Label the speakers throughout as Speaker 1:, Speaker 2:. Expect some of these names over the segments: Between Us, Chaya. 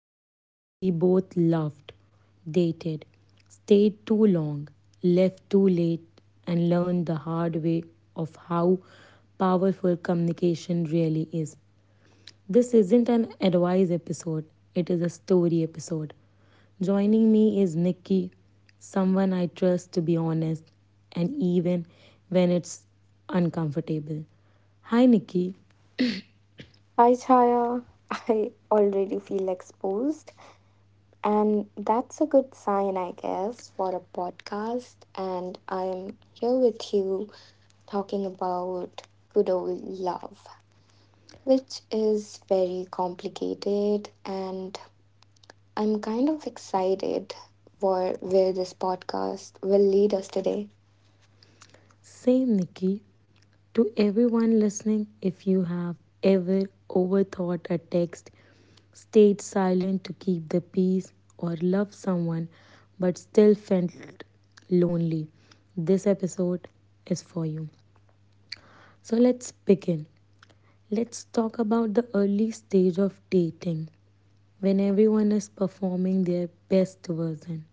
Speaker 1: but because we both loved, dated, stayed too long, left too late and learned the hard way of how powerful communication really is. This isn't an advice episode, it is a story episode. Joining me is Nikki, someone I trust to be honest and even when it's uncomfortable. Hi, Nikki.
Speaker 2: Hi, Chaya. I already feel exposed, and that's a good sign, I guess, for a podcast. And I'm here with you talking about good old love, which is very complicated. And I'm kind of excited for where this podcast will lead us today.
Speaker 1: Same, Nikki. To everyone listening, if you have ever overthought a text, stayed silent to keep the peace, or loved someone but still felt lonely, this episode is for you. So let's begin. Let's talk about the early stage of dating when everyone is performing their best version.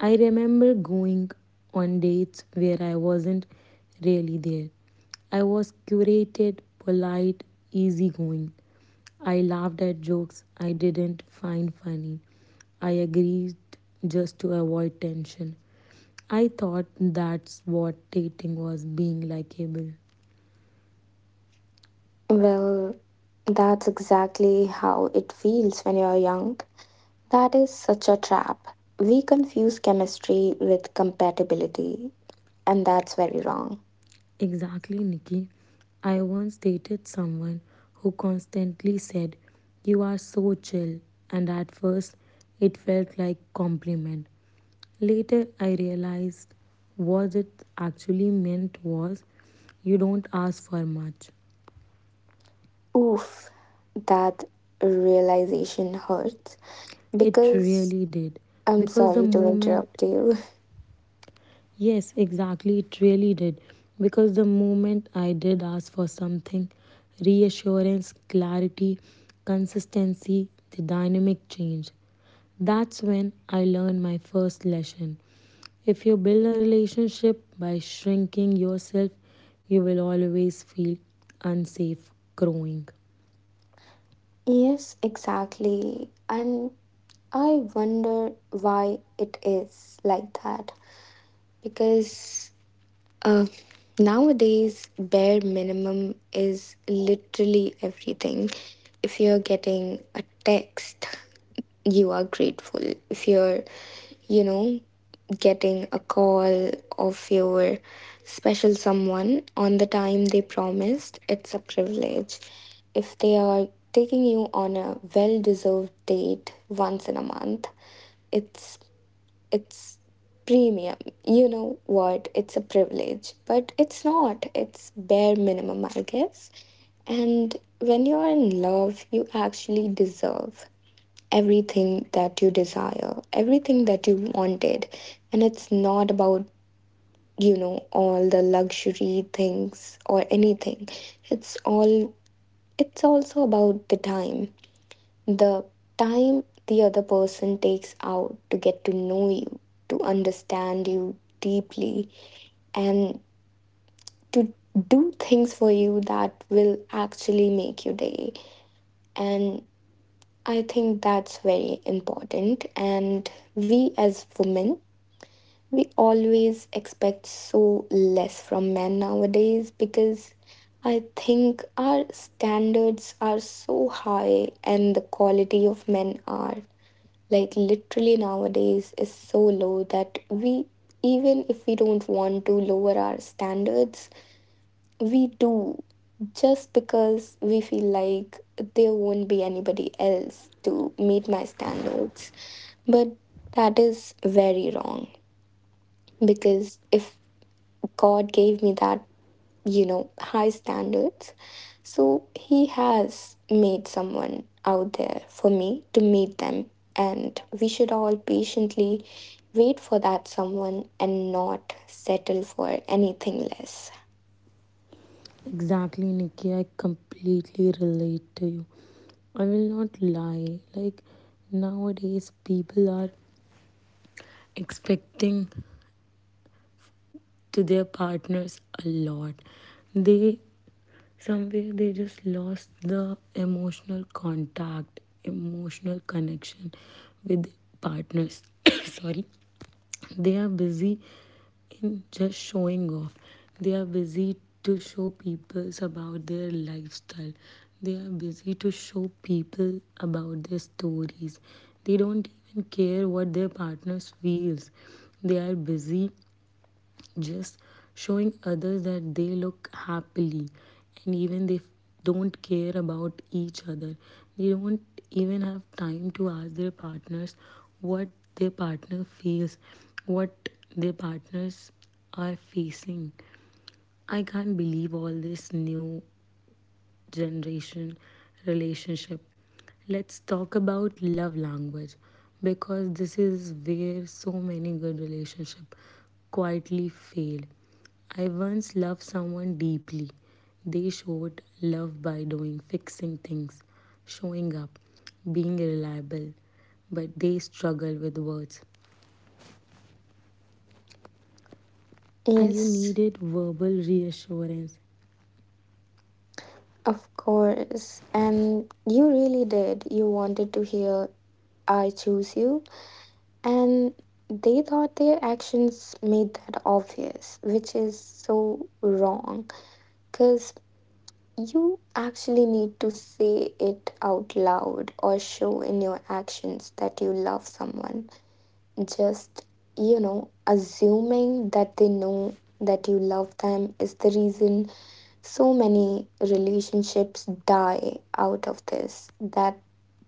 Speaker 1: I remember going on dates where I wasn't really there. I was curated, polite, easygoing. I laughed at jokes I didn't find funny. I agreed just to avoid tension. I thought that's what dating was being likeable.
Speaker 2: Well, that's exactly how it feels when you're young. That is such a trap. We confuse chemistry with compatibility, and that's very wrong.
Speaker 1: Exactly, Nikki. I once dated someone who constantly said, "You are so chill," and at first it felt like compliment. Later I realized what it actually meant was you don't ask for much.
Speaker 2: Oof, that realization hurts
Speaker 1: It
Speaker 2: because
Speaker 1: really did
Speaker 2: I'm
Speaker 1: because the
Speaker 2: sorry to
Speaker 1: moment
Speaker 2: interrupt you.
Speaker 1: Yes, exactly. It really did. Because the moment I did ask for something, reassurance, clarity, consistency, the dynamic change, that's when I learned my first lesson. If you build a relationship by shrinking yourself, you will always feel unsafe growing.
Speaker 2: Yes, exactly. And I wonder why it is like that. Because uh, nowadays, bare minimum is literally everything. If you're getting a text, you are grateful if you're you know getting a call of your special someone on the time they promised. It's a privilege if they are taking you on a well deserved date once in a month. It's it's premium. You know what, it's a privilege, but it's not, it's bare minimum, I guess. And when you're in love, you actually deserve everything that you desire, everything that you wanted. And it's not about, you know, all the luxury things or anything. It's all, it's also about the time. The time the other person takes out to get to know you, to understand you deeply, and to do things for you that will actually make your day. And I think that's very important. And we as women, we always expect so less from men nowadays, because I think our standards are so high and the quality of men are, like, literally nowadays is so low that we, even if we don't want to lower our standards, we do, just because we feel like there won't be anybody else to meet my standards. But that is very wrong, because if God gave me that, you know, high standards, so He has made someone out there for me to meet them. And we should all patiently wait for that someone and not settle for anything less.
Speaker 1: Exactly, Nikki. I completely relate to you. I will not lie. Like nowadays, people are expecting to their partners a lot. They somewhere they just lost the emotional contact, emotional connection with partners. Sorry, they are busy in just showing off. They are busy to show people about their lifestyle. They are busy to show people about their stories. They don't even care what their partners feels. They are busy just showing others that they look happily and even they don't care about each other. They don't even have time to ask their partners what their partner feels, what their partners are facing. I can't believe all this new generation relationship. Let's talk about love language because this is where so many good relationships quietly fail. I once loved someone deeply. They showed love by doing, fixing things, showing up, being reliable, but they struggle with words. And you
Speaker 2: Yes,
Speaker 1: needed verbal reassurance.
Speaker 2: of course. And you really did. You wanted to hear, I choose you. And they thought their actions made that obvious, which is so wrong. Because you actually need to say it out loud or show in your actions that you love someone. Just, you know, assuming that they know that you love them is the reason so many relationships die out of this. That,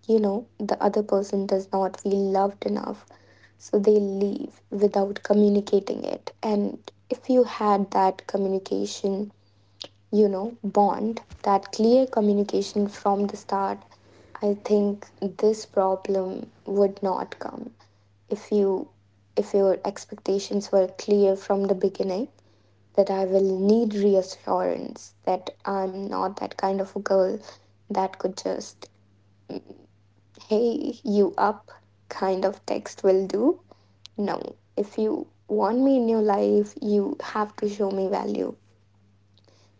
Speaker 2: you know, the other person does not feel loved enough. So they leave without communicating it. And if you had that communication, you know, bond, that clear communication from the start, I think this problem would not come if you if your expectations were clear from the beginning. That I will need reassurance, that I'm not that kind of a girl that could just mm, hey you up kind of text will do. No, if you want me in your life, you have to show me value.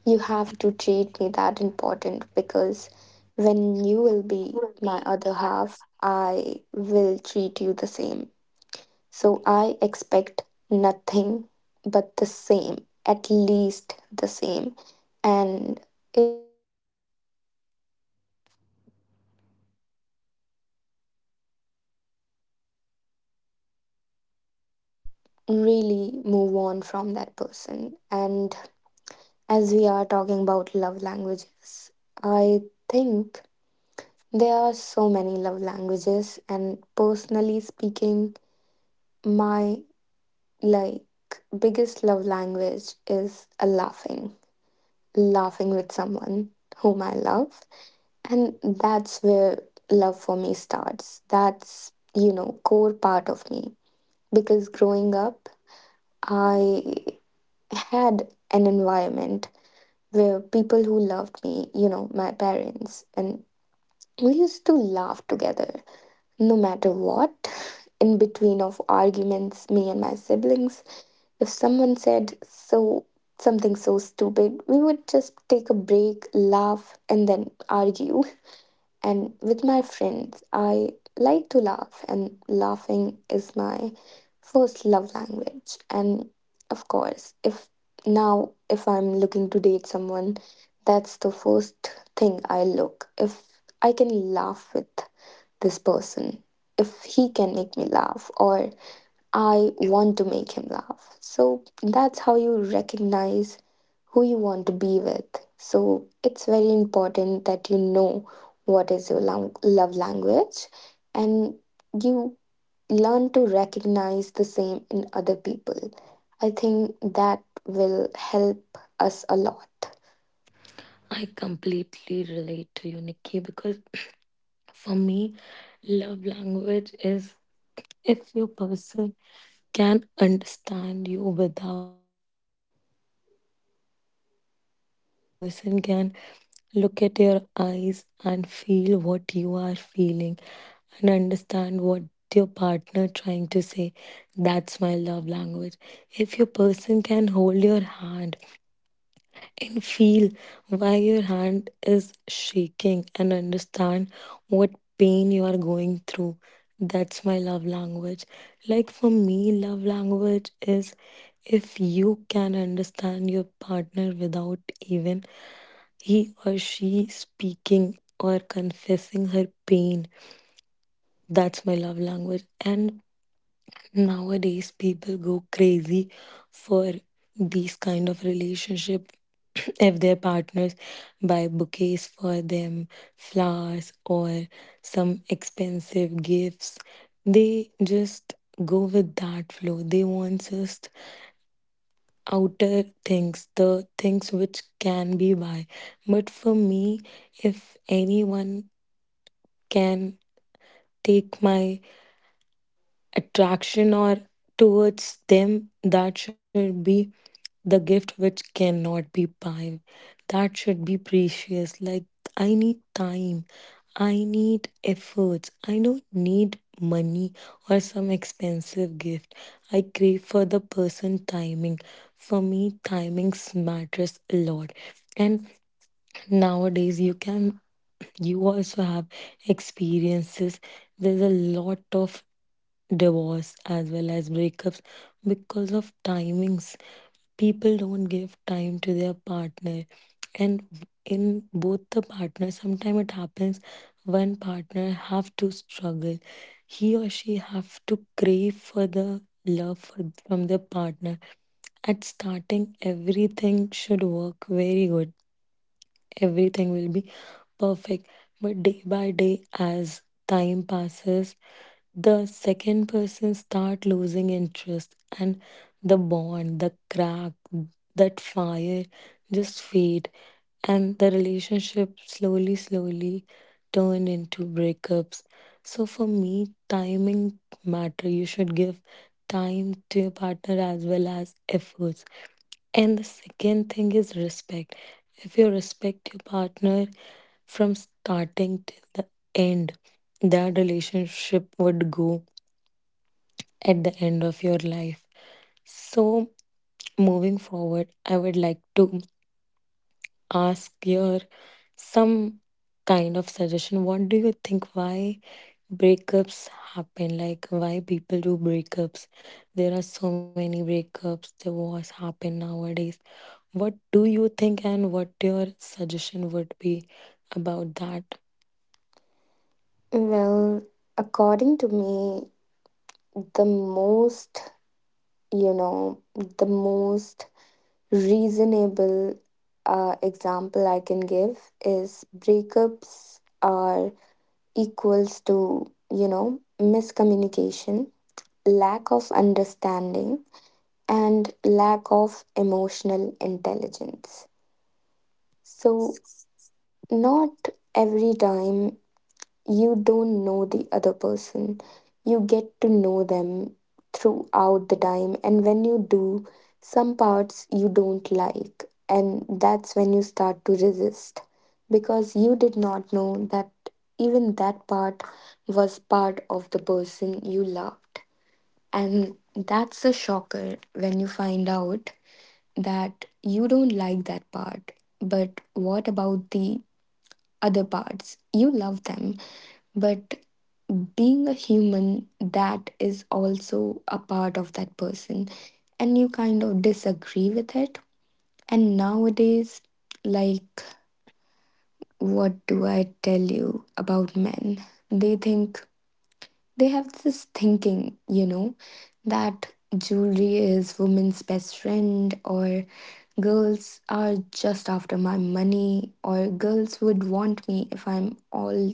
Speaker 2: You have to treat me that important, because when you will be my other half, I will treat you the same. So I expect nothing but the same, at least the same. And it's called, you know, mutual respect. So when somebody is not ready to fulfill that, you should really move on from that person. And as we are talking about love languages, I think there are so many love languages, and personally speaking, my, like, biggest love language is a laughing, laughing with someone whom I love, and that's where love for me starts. That's, you know, core part of me, because growing up, I had an environment were people who loved me, you know, my parents, and we used to laugh together no matter what. In between of arguments, me and my siblings, if someone said something so stupid, we would just take a break, laugh, and then argue. And with my friends, I like to laugh, and laughing is my first love language. And of course, if now, if I'm looking to date someone, that's the first thing I look. If I can laugh with this person, if he can make me laugh, or I want to make him laugh. So that's how you recognize who you want to be with. So it's very important that you know what is your love language and you learn to recognize the same in other people. I think that will help us a lot.
Speaker 1: I completely relate to you, Nikki, because for me, love language is if your person can understand you without your saying any single word, if your person can look at your eyes and feel what you are feeling and understand what your partner trying to say, that's my love language. If your person can hold your hand and feel why your hand is shaking and understand what pain you are going through. That's my love language. Like for me, love language is if you can understand your partner without even he or she speaking or confessing her pain. That's my love language. And nowadays, people go crazy for these kind of relationship if their partners buy bouquets for them, flowers, or some expensive gifts. They just go with that flow. They want just outer things, the things which can be buy. But for me, if anyone can take my attraction or towards them, that should be the gift which cannot be buy, that should be precious. Like, I need time, I need efforts, I don't need money or some expensive gift. I crave for the person timing. For me timings matters a lot. And nowadays you also have experiences. There's a lot of divorce as well as breakups because of timings. People don't give time to their partner, and in both the partners sometimes it happens one partner have to struggle, he or she have to crave for the love for, from their partner. At starting everything should work very good, everything will be perfect. But day by day, as time passes, the second person start losing interest and the bond, the crack, that fire just fade and the relationship slowly, slowly turn into breakups. So for me, timing matter. You should give time to your partner as well as efforts. And the second thing is respect. If you respect your partner from starting till the end, that relationship would go at the end of your life. So, moving forward, I would like to ask your some kind of suggestion. What do you think? Why breakups happen? Like why people do breakups? There are so many breakups. Divorce happen nowadays. What do you think? And what your suggestion would be about that?
Speaker 2: Well, according to me, the most, you know, the most reasonable example I can give is breakups are equals to, you know, miscommunication, lack of understanding, and lack of emotional intelligence. So, not every time. You don't know the other person. You get to know them throughout the time. And when you do, some parts you don't like. And that's when you start to resist, because you did not know that even that part was part of the person you loved. And that's a shocker when you find out that you don't like that part. But what about the other parts? You love them, but being a human, that is also a part of that person, and you kind of disagree with it. And nowadays, like, what do I tell you about men? They think, they have this thinking, you know, that jewelry is women's best friend, or girls are just after my money, or girls would want me if I'm all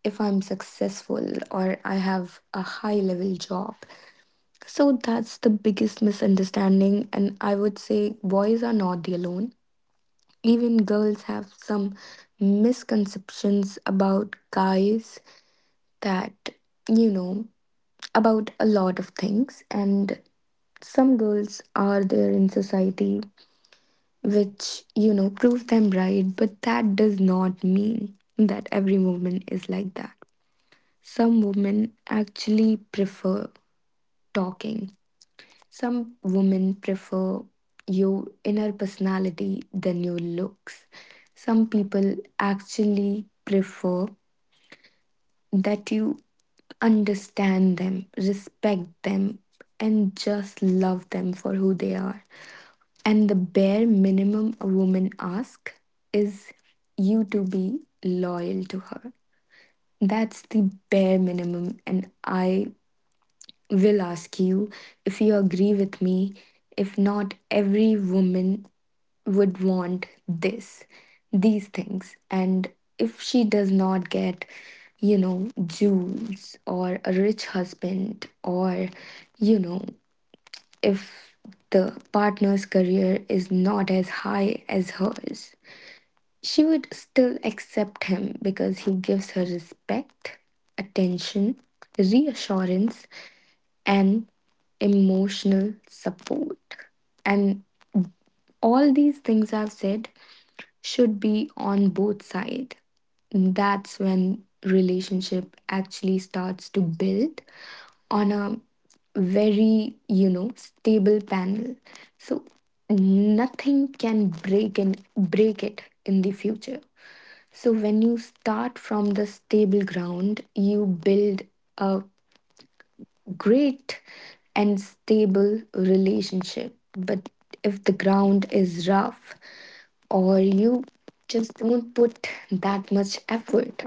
Speaker 2: if I'm successful or I have a high level job. So that's the biggest misunderstanding, and I would say boys are not the alone. Even girls have some misconceptions about guys, that, you know, about a lot of things, and some girls are there in society which, you know, prove them right, but that does not mean that every woman is like that. Some women actually prefer talking. Some women prefer your inner personality than your looks. Some people actually prefer that you understand them, respect them, and just love them for who they are. And the bare minimum a woman asks is you to be loyal to her. That's the bare minimum, and I will ask you if you agree with me. If not, every woman would want this, these things. And if she does not get, you know, jewels or a rich husband, or, you know, if the partner's career is not as high as hers, she would still accept him because he gives her respect, attention, reassurance, and emotional support. And all these things I've said should be on both sides. That's when relationship actually starts to build on a very, you know, stable panel. So nothing can break and break it in the future. So when you start from the stable ground, you build a great and stable relationship. But if the ground is rough, or you just don't put that much effort,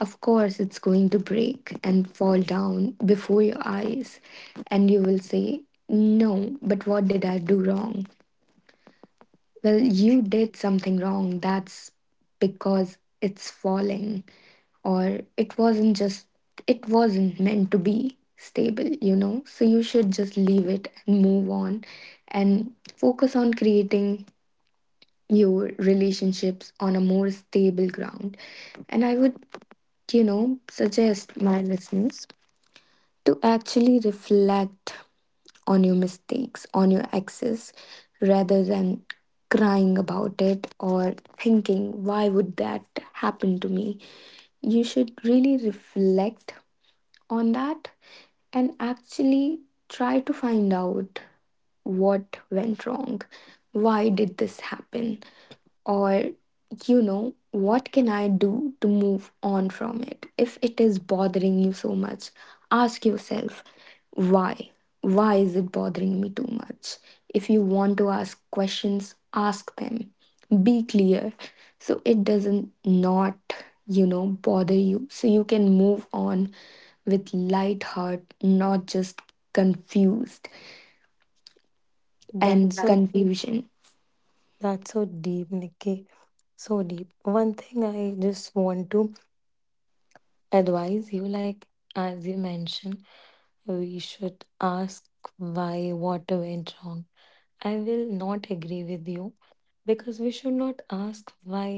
Speaker 2: of course it's going to break and fall down before your eyes. And you will say, no, but what did I do wrong? Well, you did something wrong. That's because it's falling, or it wasn't meant to be stable, you know? So you should just leave it and move on and focus on creating your relationships on a more stable ground. And I would, you know, suggest my listeners to actually reflect on your mistakes, on your exes, rather than crying about it or thinking, why would that happen to me? You should really reflect on that and actually try to find out what went wrong. Why did this happen? Or, you know, what can I do to move on from it? If it is bothering you so much, ask yourself, why why is it bothering me too much? If you want to ask questions, ask them. Be clear, so it doesn't not, you know, bother you, so you can move on with light heart, not just confused and,
Speaker 1: That's
Speaker 2: exactly,
Speaker 1: so
Speaker 2: confusion.
Speaker 1: that's so deep, Nikki. So deep. One thing I just want to advise you, like, as you mentioned we should ask why, what went wrong. I will not agree with you, because we should not ask why,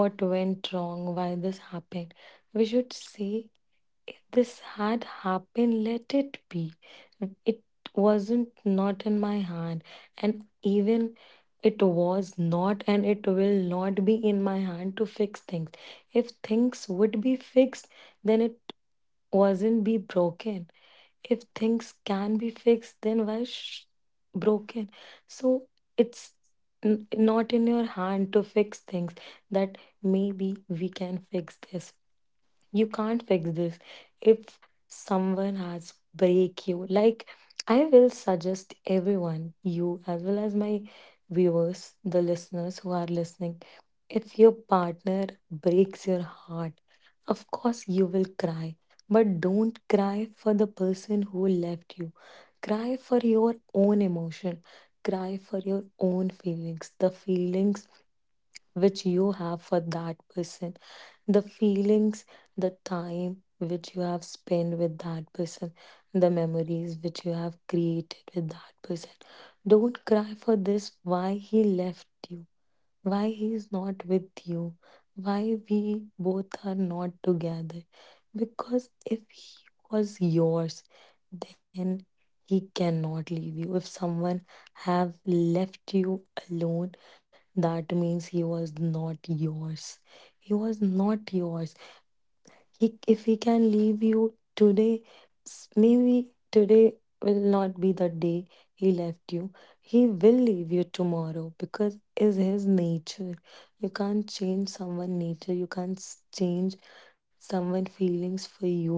Speaker 1: what went wrong, why this happened. We should say, if this had happened, let it be. It wasn't not in my hand, and even it was not, and it will not be in my hand to fix things. If things would be fixed, then it wasn't be broken. If things can be fixed, then why broken? So it's not in your hand to fix things, that maybe we can fix this. You can't fix this. If someone has break you, like, I will suggest everyone, you as well as my viewers, the listeners who are listening, if your partner breaks your heart, of course you will cry, but don't cry for the person who left you. Cry for your own emotion, cry for your own feelings, the feelings which you have for that person, the feelings, the time which you have spent with that person, the memories which you have created with that person. Don't cry for this, why he left you, why he's not with you, why we both are not together. Because if he was yours, then he cannot leave you. If someone have left you alone, that means he was not yours. He was not yours. If he can leave you today, maybe today will not be the day he left you. He will leave you tomorrow because is his nature. You can't change someone' nature. You can't change someone' feelings for you.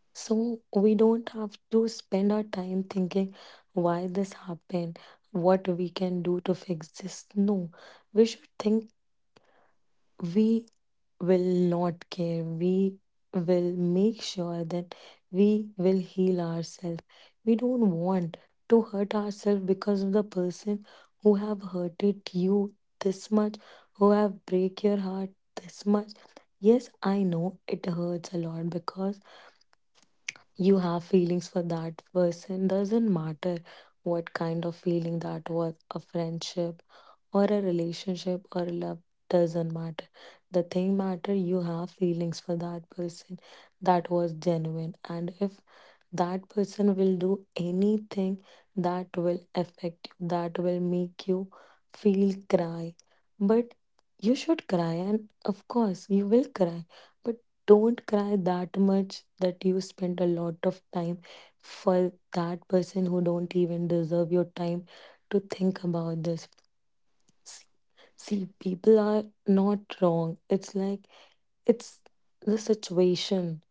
Speaker 1: So we don't have to spend our time thinking why this happened, what we can do to fix this. No, we should think, we will not care. We will make sure that we will heal ourselves. We don't want to hurt ourselves because of the person who have hurted you this much, who have break your heart this much. Yes, I know it hurts a lot because you have feelings for that person. Doesn't matter what kind of feeling, that was a friendship or a relationship or love, doesn't matter. The thing matter, you have feelings for that person that was genuine, and if that person will do anything that will affect you, that will make you feel cry, but you should cry, and of course you will cry, but don't cry that much that you spent a lot of time for that person who don't even deserve your time to think about this. See, see, people are not wrong. It's like, it's the situation.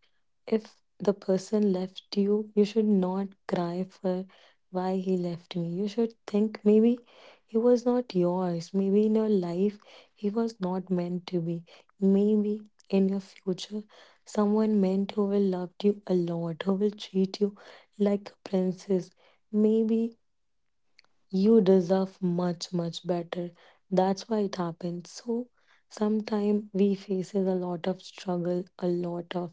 Speaker 1: If the person left you, you should not cry for why he left me. You should think maybe he was not yours. Maybe in your life, he was not meant to be. Maybe in your future, someone meant who will love you a lot, who will treat you like a princess. Maybe you deserve much, much better. That's why it happens. So, sometimes we faces a lot of struggle, a lot of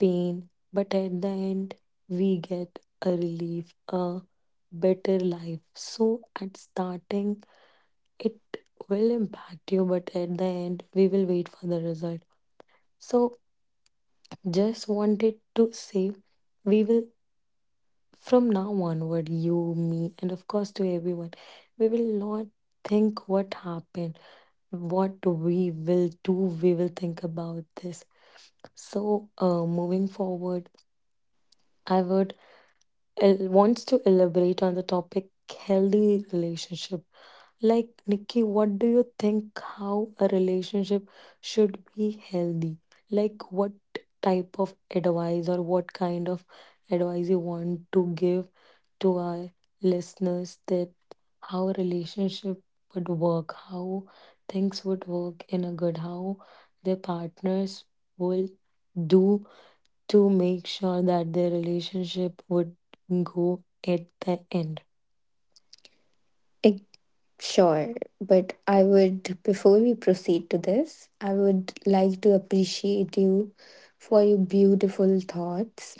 Speaker 1: pain, but at the end, we get a relief, a better life. So, at starting, it will impact you, but at the end, we will wait for the result. So, just wanted to say, we will, from now onward, you, me, and of course, to everyone, we will not think what happened, what we will do, we will think about this. So, moving forward, I would wants to elaborate on the topic healthy relationship. Like, Nikki, what do you think, how a relationship should be healthy? Like, what type of advice or what kind of advice you want to give to our listeners, that how a relationship would work, how things would work in a good, how their partners will do to make sure that their relationship would go at the end.
Speaker 2: Sure, but I would, before we proceed to this, I would like to appreciate you for your beautiful thoughts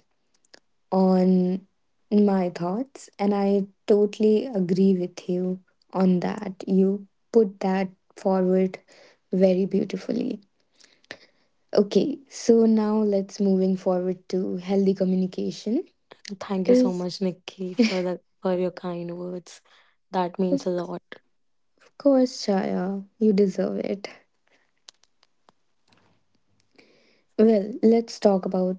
Speaker 2: on my thoughts, and I totally agree with you on that. You put that forward very beautifully. Okay, so now let's moving forward to healthy communication.
Speaker 1: Thank you so
Speaker 2: Is
Speaker 1: much, Nikki, for your kind words. That means
Speaker 2: of
Speaker 1: a lot.
Speaker 2: course, Chaya, you deserve it. Well, let's talk about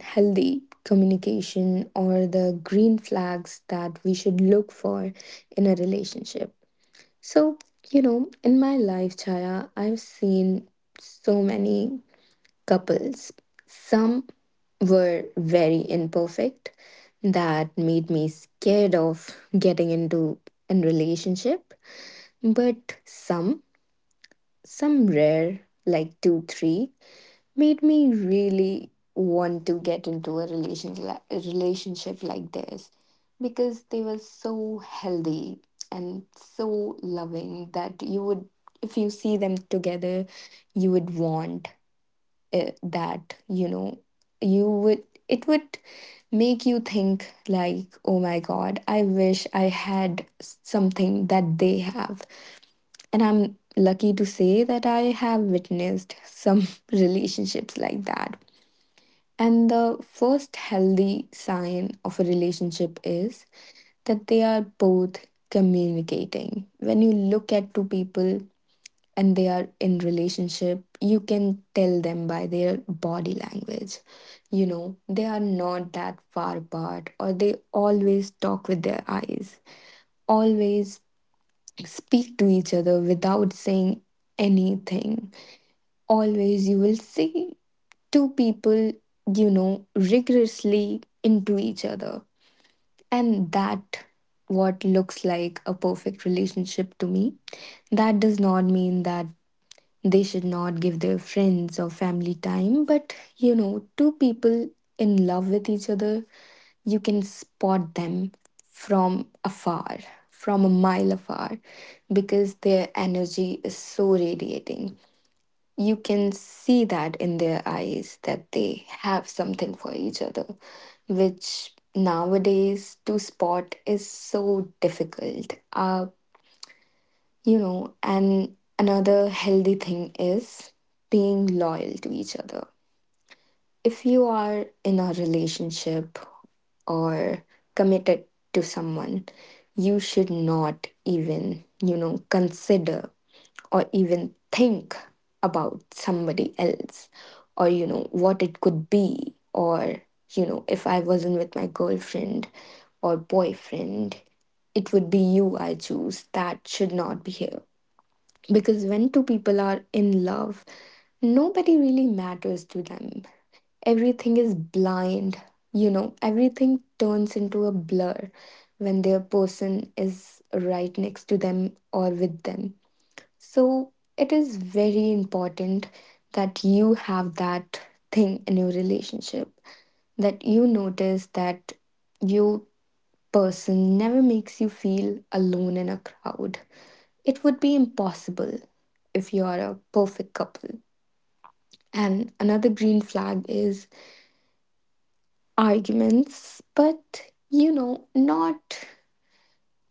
Speaker 2: healthy communication or the green flags that we should look for in a relationship. So, you know, in my life, Chaya, I've seen so many couples. Some were very imperfect, that made me scared of getting into a relationship, but some, rare, like two, three, made me really want to get into a relationship like theirs, because they were so healthy and so loving that you would, if you see them together, you would want, that you know you would it would make you think, like, oh my god, I wish I had something that they have. And I'm lucky to say that I have witnessed some relationships like that. And the first healthy sign of a relationship is that they are both communicating. When you look at two people and they are in relationship, you can tell them by their body language. You know, they are not that far apart, or they always talk with their eyes. Always speak to each other without saying anything. Always you will see two people, you know, rigorously into each other. And that what looks like a perfect relationship to me. That does not mean that they should not give their friends or family time, but you know, two people in love with each other, you can spot them from afar, from a mile afar, because their energy is so radiating, you can see that in their eyes, that they have something for each other, which nowadays to spot is so difficult. You know, and another healthy thing is being loyal to each other. If you are in a relationship or committed to someone, you should not even, you know, consider or even think about somebody else, or you know what it could be, or, you know, if I wasn't with my girlfriend or boyfriend, it would be you I choose, that should not be here. Because when two people are in love, nobody really matters to them. Everything is blind. You know, everything turns into a blur when their person is right next to them or with them. So it is very important that you have that thing in your relationship, that you notice that your person never makes you feel alone in a crowd. It would be impossible if you are a perfect couple. And another green flag is arguments, but you know, not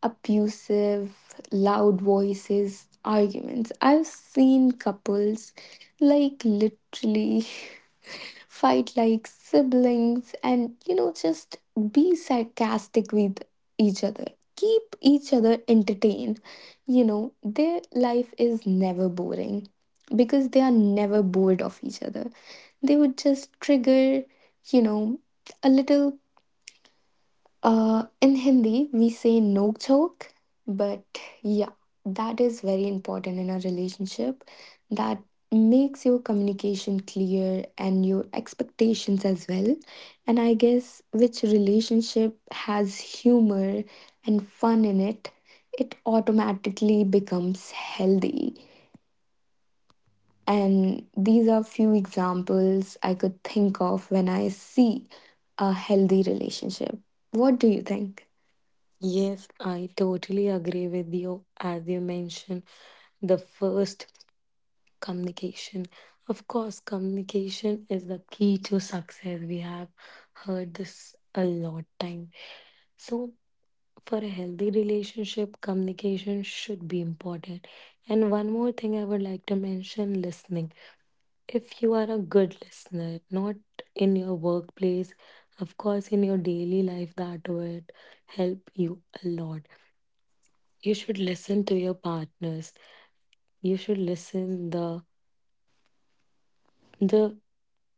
Speaker 2: abusive, loud voices, arguments. I've seen couples, like, literally fight like siblings, and you know, just be sarcastic with each other. Keep each other entertained. You know, their life is never boring, because they are never bored of each other. They would just trigger, you know, a little, in Hindi, we say no joke, but yeah, that is very important in a relationship. That makes your communication clear and your expectations as well. And I guess which relationship has humor and fun in it, it automatically becomes healthy. And these are few examples I could think of when I see a healthy relationship. What do you think?
Speaker 1: Yes, I totally agree with you. As you mentioned, the first, communication. Of course, communication is the key to success. We have heard this a lot time. So for a healthy relationship, communication should be important. And one more thing I would like to mention, listening. If you are a good listener, not in your workplace, of course, in your daily life, that would help you a lot. You should listen to your partners. You should listen the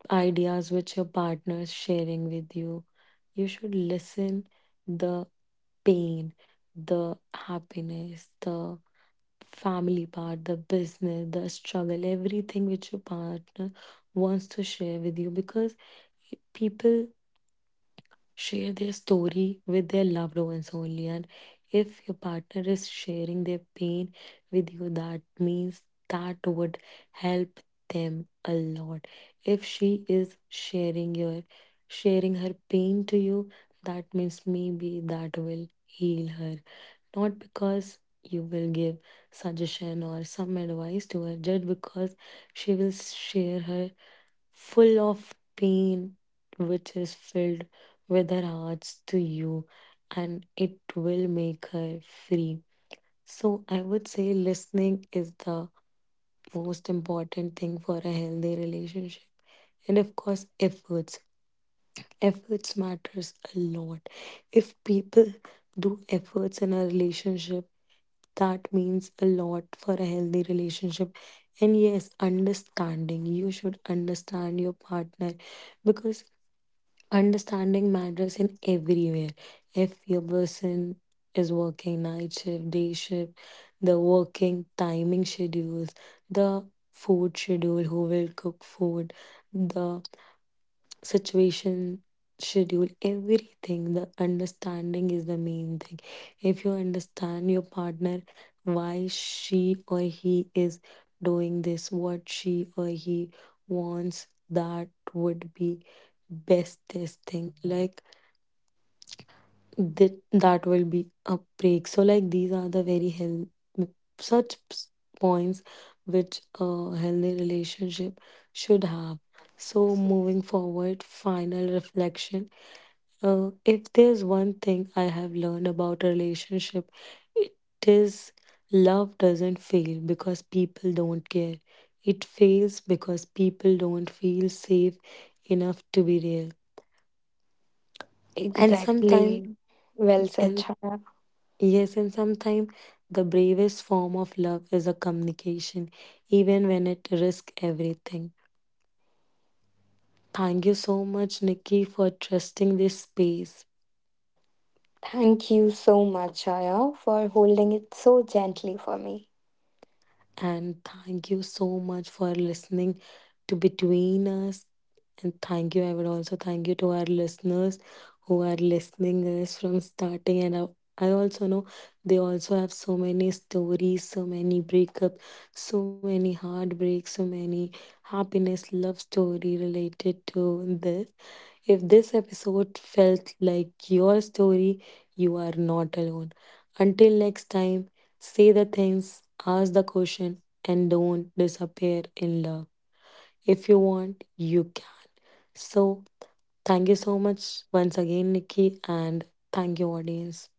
Speaker 1: ideas which your partner is sharing with you. You should listen the pain, the happiness, the family part, the business, the struggle, everything which your partner wants to share with you, because people share their story with their loved ones only. And if your partner is sharing their pain with you, that means that would help them a lot. If she is sharing her pain to you, that means maybe that will heal her, not because you will give suggestion or some advice to her, just because she will share her full of pain which is filled with her hearts to you, and it will make her free. So I would say listening is the most important thing for a healthy relationship. And of course efforts matters a lot. If people do efforts in a relationship, that means a lot for a healthy relationship. And yes, understanding. You should understand your partner because understanding matters in everywhere. If your person is working night shift, day shift, the working timing schedules, the food schedule, who will cook food, the situation, schedule, everything. The understanding is the main thing. If you understand your partner, why she or he is doing this, what she or he wants, that would be bestest thing. Like that will be a break. So like these are the very health such points which a healthy relationship should have. So moving forward, final reflection, if there's one thing I have learned about relationship, it is, love doesn't fail because people don't care, it fails because people don't feel safe enough to be real. And sometimes
Speaker 2: Exactly. Well said,
Speaker 1: in
Speaker 2: Chaya.
Speaker 1: Yes, and sometimes the bravest form of love is a communication, even when it risks everything. Thank you so much, Nikki, for trusting this space.
Speaker 2: Thank you so much, Chaya, for holding it so gently for me.
Speaker 1: And thank you so much for listening to Between Us. And thank you. I would also thank you to our listeners who are listening us from starting. And I also know they also have so many stories, so many breakups, so many heartbreaks, so many happiness, love story related to this. If this episode felt like your story, you are not alone. Until next time. Say the things, ask the question, and don't disappear in love. If you want, you can. So, thank you so much once again, Nikki, and thank you, audience.